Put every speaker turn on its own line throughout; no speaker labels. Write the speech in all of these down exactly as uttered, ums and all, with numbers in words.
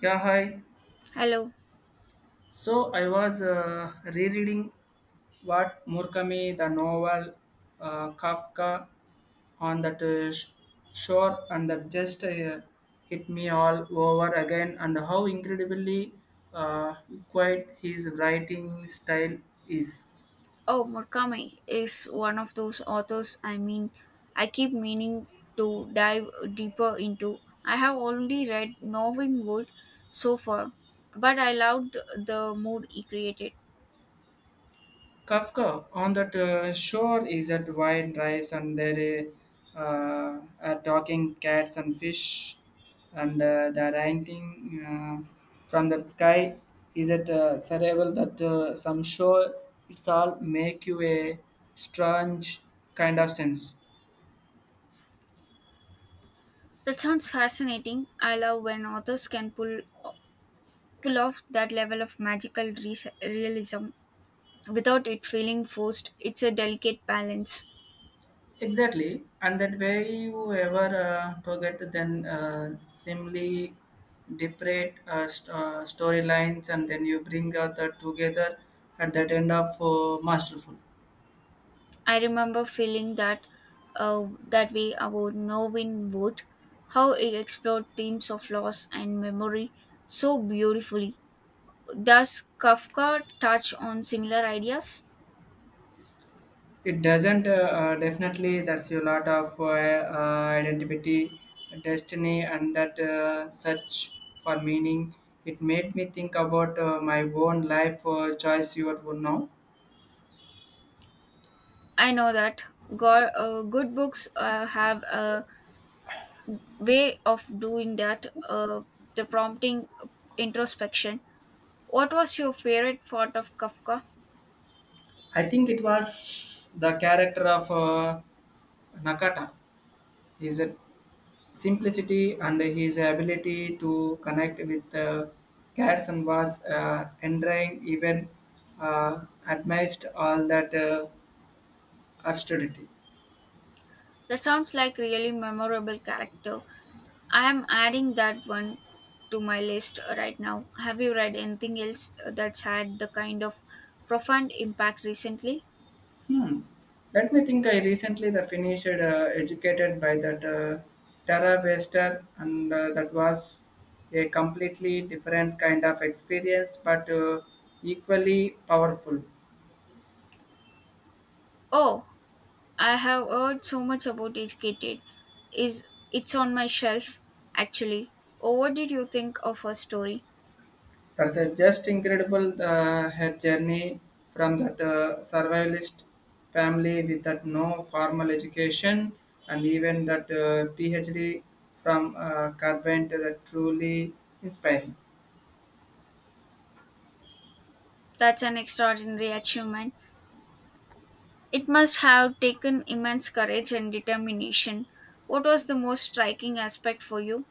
Yeah, hi.
Hello.
So I was uh, rereading what Murakami, the novel, uh, Kafka on that uh, sh- shore, and that just uh, hit me all over again, and how incredibly uh, quiet his writing style is.
Oh, Murakami is one of those authors, I mean, I keep meaning to dive deeper into. I have only read Northern Wood so far, but I loved the mood he created.
Kafka on that uh, shore is at wine rice and there uh, uh, are talking cats and fish and uh, the ranting uh, from the sky is it uh, survival that uh, some shore it's all make you a strange kind of sense.
That sounds fascinating. I love when authors can pull, pull off that level of magical re- realism without it feeling forced. It's a delicate balance.
Exactly, and that way you ever uh, target then uh, seemingly separate uh, st- uh, storylines, and then you bring uh, that together at that end of uh, masterful.
I remember feeling that uh, that way about Norwin Wood, how it explored themes of loss and memory so beautifully. Does Kafka touch on similar ideas?
It doesn't uh, uh, definitely. That's a lot of uh, uh, identity, destiny, and that uh, search for meaning. It made me think about uh, my own life uh, choice. You would now.
I know that go- uh, good books uh, have a way of doing that, uh, the prompting introspection. What was your favorite part of Kafka?
I think it was the character of uh, Nakata. His simplicity and his ability to connect with uh, Gadsden was uh, endearing, even uh, amidst all that uh, austerity.
That sounds like really memorable character. I am adding that one to my list right now. Have you read anything else that's had the kind of profound impact recently?
Hmm. Let me think. I recently the finished uh, educated by that uh, Tara Wester, and uh, that was a completely different kind of experience, but uh, equally powerful.
Oh, I have heard so much about Educated. Is it's on my shelf actually. Oh, what did you think of her story?
That's uh, just incredible. Uh, her journey from that uh, survivalist family with that no formal education and even that uh, PhD from uh, Carbon to that truly inspiring.
That's an extraordinary achievement. It must have taken immense courage and determination. What was the most striking aspect for you?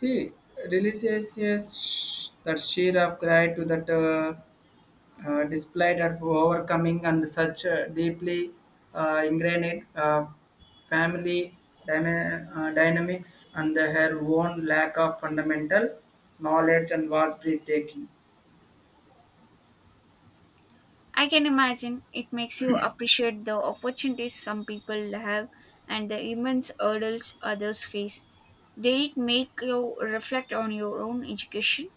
He releases yes, that sheer of gratitude to that uh, uh, displayed of overcoming and such uh, deeply uh, ingrained uh, family dyna- uh, dynamics and her own lack of fundamental knowledge and was breathtaking.
I can imagine it makes you appreciate the opportunities some people have and the immense hurdles others face. Did it make you reflect on your own education?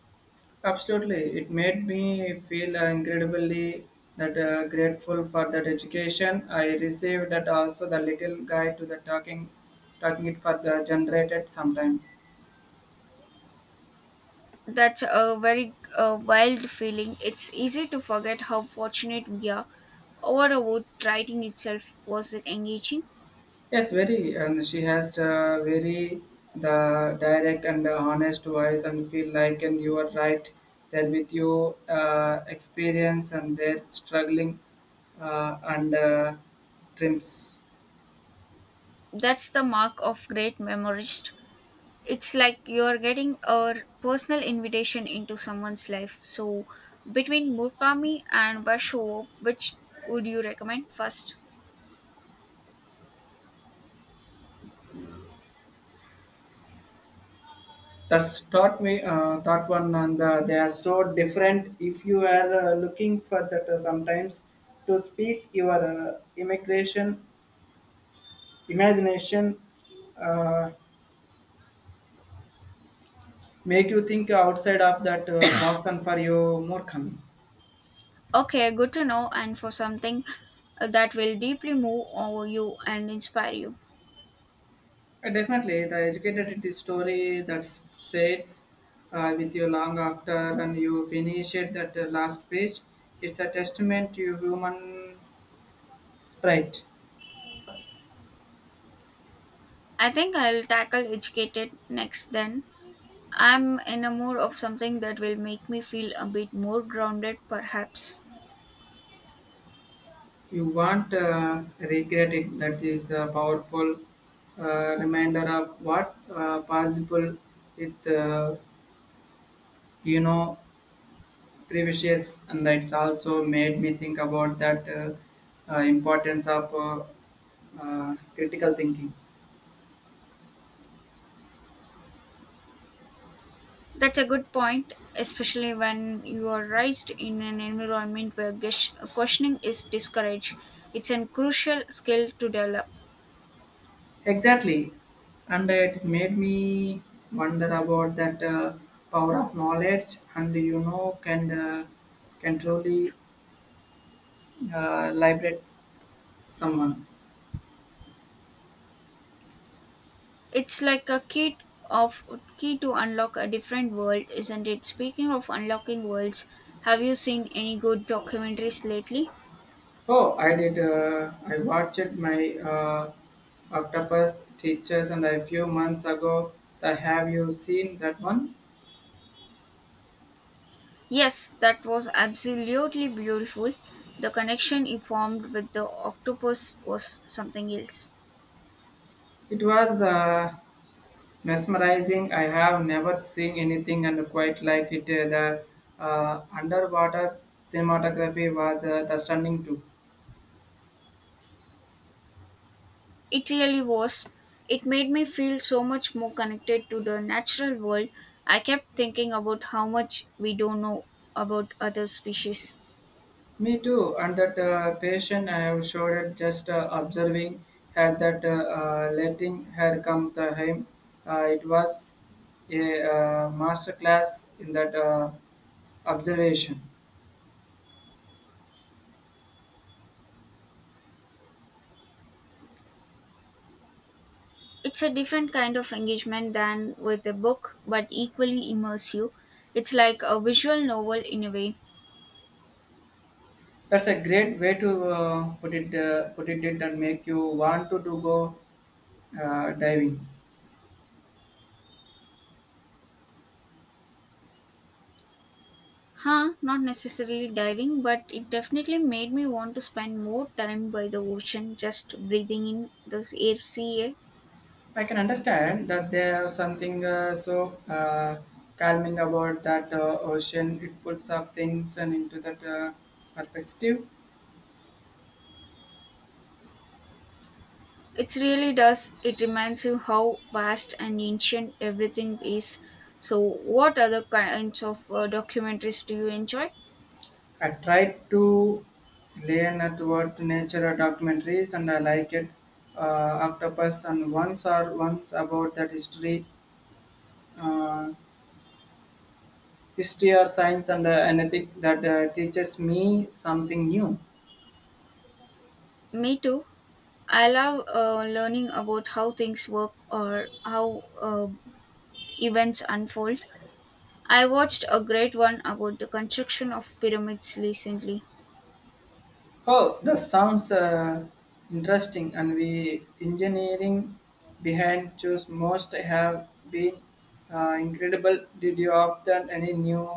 Absolutely, it made me feel uh, incredibly that uh, grateful for that education I received, that also the little guide to the talking, talking it for the generated sometime.
That's a very uh, wild feeling. It's easy to forget how fortunate we are. What about writing itself? Was it engaging?
Yes, very, and she has the very the direct and the honest voice, and feel like and you are right there with you uh, experience and their struggling uh, and uh, trims.
That's the mark of great memoirist. It's like you're getting a personal invitation into someone's life. So, between Murakami and Basho, which would you recommend first?
That's taught me uh, that one, and uh, they are so different. If you are uh, looking for that, uh, sometimes to speak your uh, immigration imagination, uh, make you think outside of that uh, box, and for you more coming.
Okay, good to know, and for something uh, that will deeply move over you and inspire you.
Uh, definitely, the educated it is story that s- sits uh, with you long after and you finish it. That uh, last page, it's a testament to your human sprite.
I think I'll tackle Educated next then. I'm in a mood of something that will make me feel a bit more grounded, perhaps.
You won't uh, regret it. That is a powerful uh, reminder of what uh, possible with, uh, you know, previous. And that's also made me think about that uh, uh, importance of uh, uh, critical thinking.
That's a good point, especially when you are raised in an environment where gush- questioning is discouraged. It's a crucial skill to develop.
Exactly. And it made me wonder about that uh, power of knowledge and, you know, can, uh, can truly uh, liberate someone.
It's like a key of key to unlock a different world, isn't it? Speaking of unlocking worlds, have you seen any good documentaries lately?
Oh, I did. Uh, I watched my uh, Octopus Teachers, and a few months ago. That have you seen that one?
Yes, that was absolutely beautiful. The connection he formed with the octopus was something else.
It was the mesmerizing. I have never seen anything and quite like it. Uh, The uh, underwater cinematography was uh, the stunning too.
It really was. It made me feel so much more connected to the natural world. I kept thinking about how much we don't know about other species.
Me too, and that uh, patient I have showed it just uh, observing her that uh, uh, letting her come to him. Uh, it was a uh, master class in that uh, observation.
It's a different kind of engagement than with a book, but equally immersive. It's like a visual novel in a way.
That's a great way to uh, put it uh, put it it and make you want to, to go uh, diving.
Huh, not necessarily diving, but it definitely made me want to spend more time by the ocean just breathing in the air, sea air.
I can understand that there is something uh, so uh, calming about that uh, ocean. It puts up things and into that uh, perspective.
It really does. It reminds you how vast and ancient everything is. So, what other kinds of uh, documentaries do you enjoy?
I tried to learn about nature documentaries and I liked it. Uh, octopus and once or once about that history, uh, history or science and uh, anything that uh, teaches me something new.
Me too. I love uh, learning about how things work or how uh, events unfold. I watched a great one about the construction of pyramids recently.
Oh, that sounds uh, interesting. And we engineering behind choose most have been uh, incredible. Did you often any new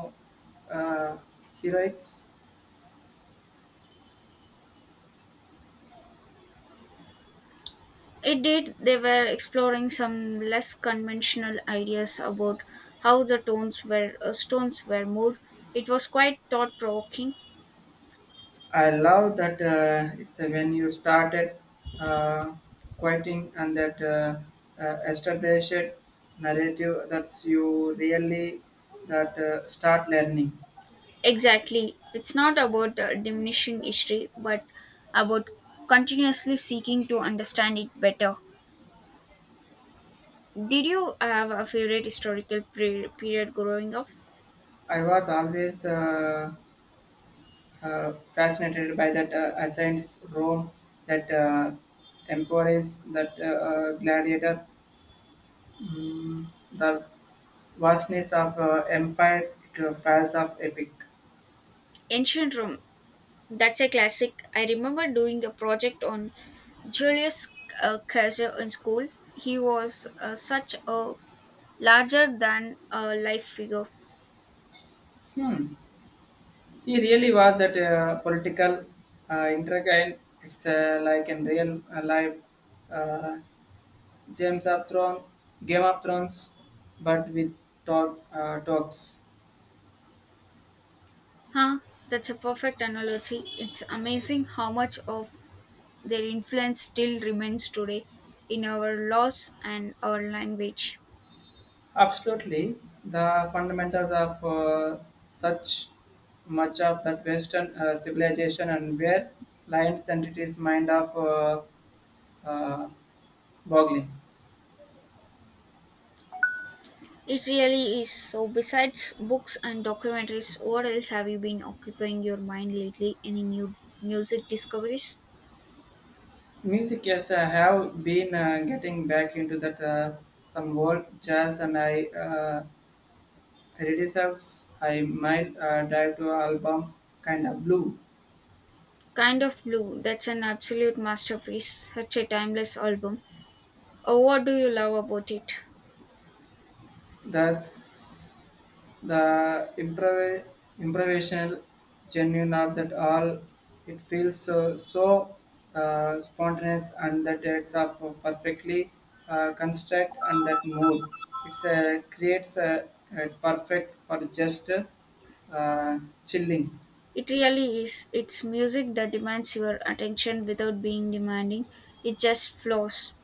uh, heroics?
It did. They were exploring some less conventional ideas about how the tones were uh, stones were moved. It was quite thought provoking.
I love that uh, it's uh, when you started uh, quieting and that uh, uh, established narrative that's you really that uh, start learning.
Exactly. It's not about uh, diminishing history, but about continuously seeking to understand it better. Did you have a favorite historical pre- period growing up?
I was always the, uh, fascinated by that uh, Athens Rome that uh, empires that uh, uh, gladiator, mm, the vastness of uh, empire to falls of epic.
Ancient Rome. That's a classic. I remember doing a project on Julius uh, Caesar in school. He was uh, such a larger than a life figure.
Hmm. He really was that uh, political uh, intriguing. It's uh, like in real uh, life, uh, James of Thrones, Game of Thrones, but with talk, uh, talks.
Huh, that's a perfect analogy. It's amazing how much of their influence still remains today in our laws and our language.
Absolutely, the fundamentals of uh, such much of that Western uh, civilization and where lines then it is mind of uh, uh, boggling.
It really is. So, besides books and documentaries, what else have you been occupying your mind lately? Any new music discoveries?
Music, yes, I have been uh, getting back into that uh, some old jazz, and I uh, reserves I might uh, dive to album kind of blue.
Kind of Blue, that's an absolute masterpiece, such a timeless album. Oh, what do you love about it?
Thus, the improv- improvisational genuine of that all, it feels so, so uh, spontaneous and that it's of perfectly uh, construct and that mood. It's a, creates a, a perfect for just uh, chilling.
It really is. It's music that demands your attention without being demanding. It just flows.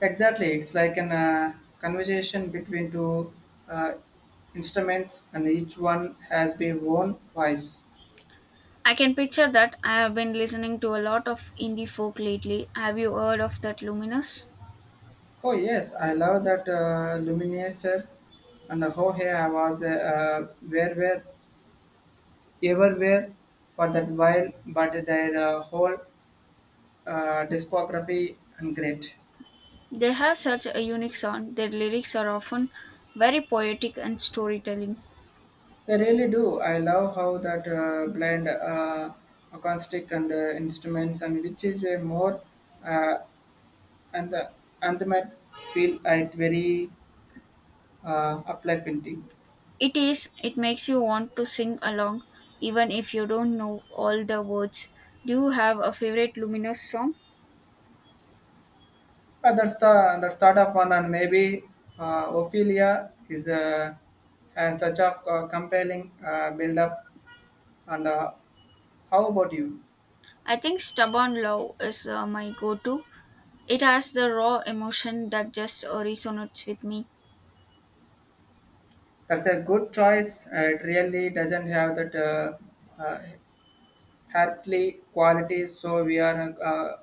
Exactly, it's like an uh, conversation between two uh, instruments and each one has their own voice.
I can picture that. I have been listening to a lot of indie folk lately. Have you heard of that Luminous?
Oh yes, I love that uh, luminescence and how here I was uh, uh, where where everywhere for that while, but their uh, whole uh, discography and great.
They have such a unique sound. Their lyrics are often very poetic and storytelling.
They really do. I love how that uh, blend uh, acoustic and uh, instruments and which is a more uh, and the anthemic feel at very uh, uplifting.
It is, it makes you want to sing along even if you don't know all the words. Do you have a favorite Luminous song?
Uh, that's the that's thought of one, and maybe uh, Ophelia is uh, has such a uh, compelling uh, build-up. And uh, how about you?
I think Stubborn Love is uh, my go to. It has the raw emotion that just uh, resonates with me.
That's a good choice. Uh, it really doesn't have that uh, uh, earthly quality. So we are uh,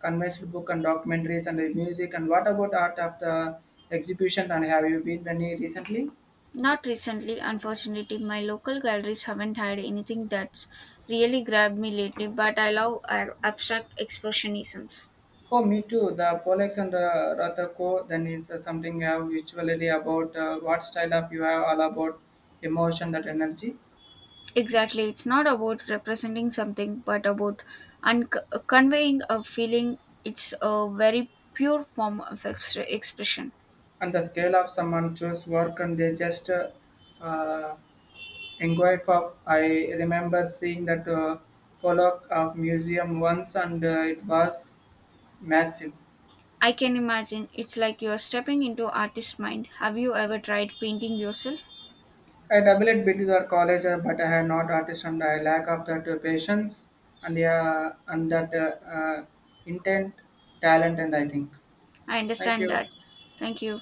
conventional book and documentaries and music. And what about art after exhibition? And have you been any recently?
Not recently, unfortunately, my local galleries haven't had anything that's really grabbed me lately, but I love uh, abstract expressionisms.
Oh, me too. The Pollex and uh, Rathako, then is uh, something you have usually about uh, what style of you have all about emotion, that energy,
Exactly, it's not about representing something, but about un- conveying a feeling. It's a very pure form of ex- expression.
and the scale of someone choose work, and they just uh, uh, inquire for. I remember seeing that uh, Pollock of museum once, and uh, it was massive.
I can imagine it's like you're stepping into artist's mind. Have you ever tried painting yourself?
I double it between our college, uh, but I have not artist and I lack of that uh, patience and uh, and that uh, uh, intent, talent, and I think.
I
Thank
understand
you.
that. Thank you.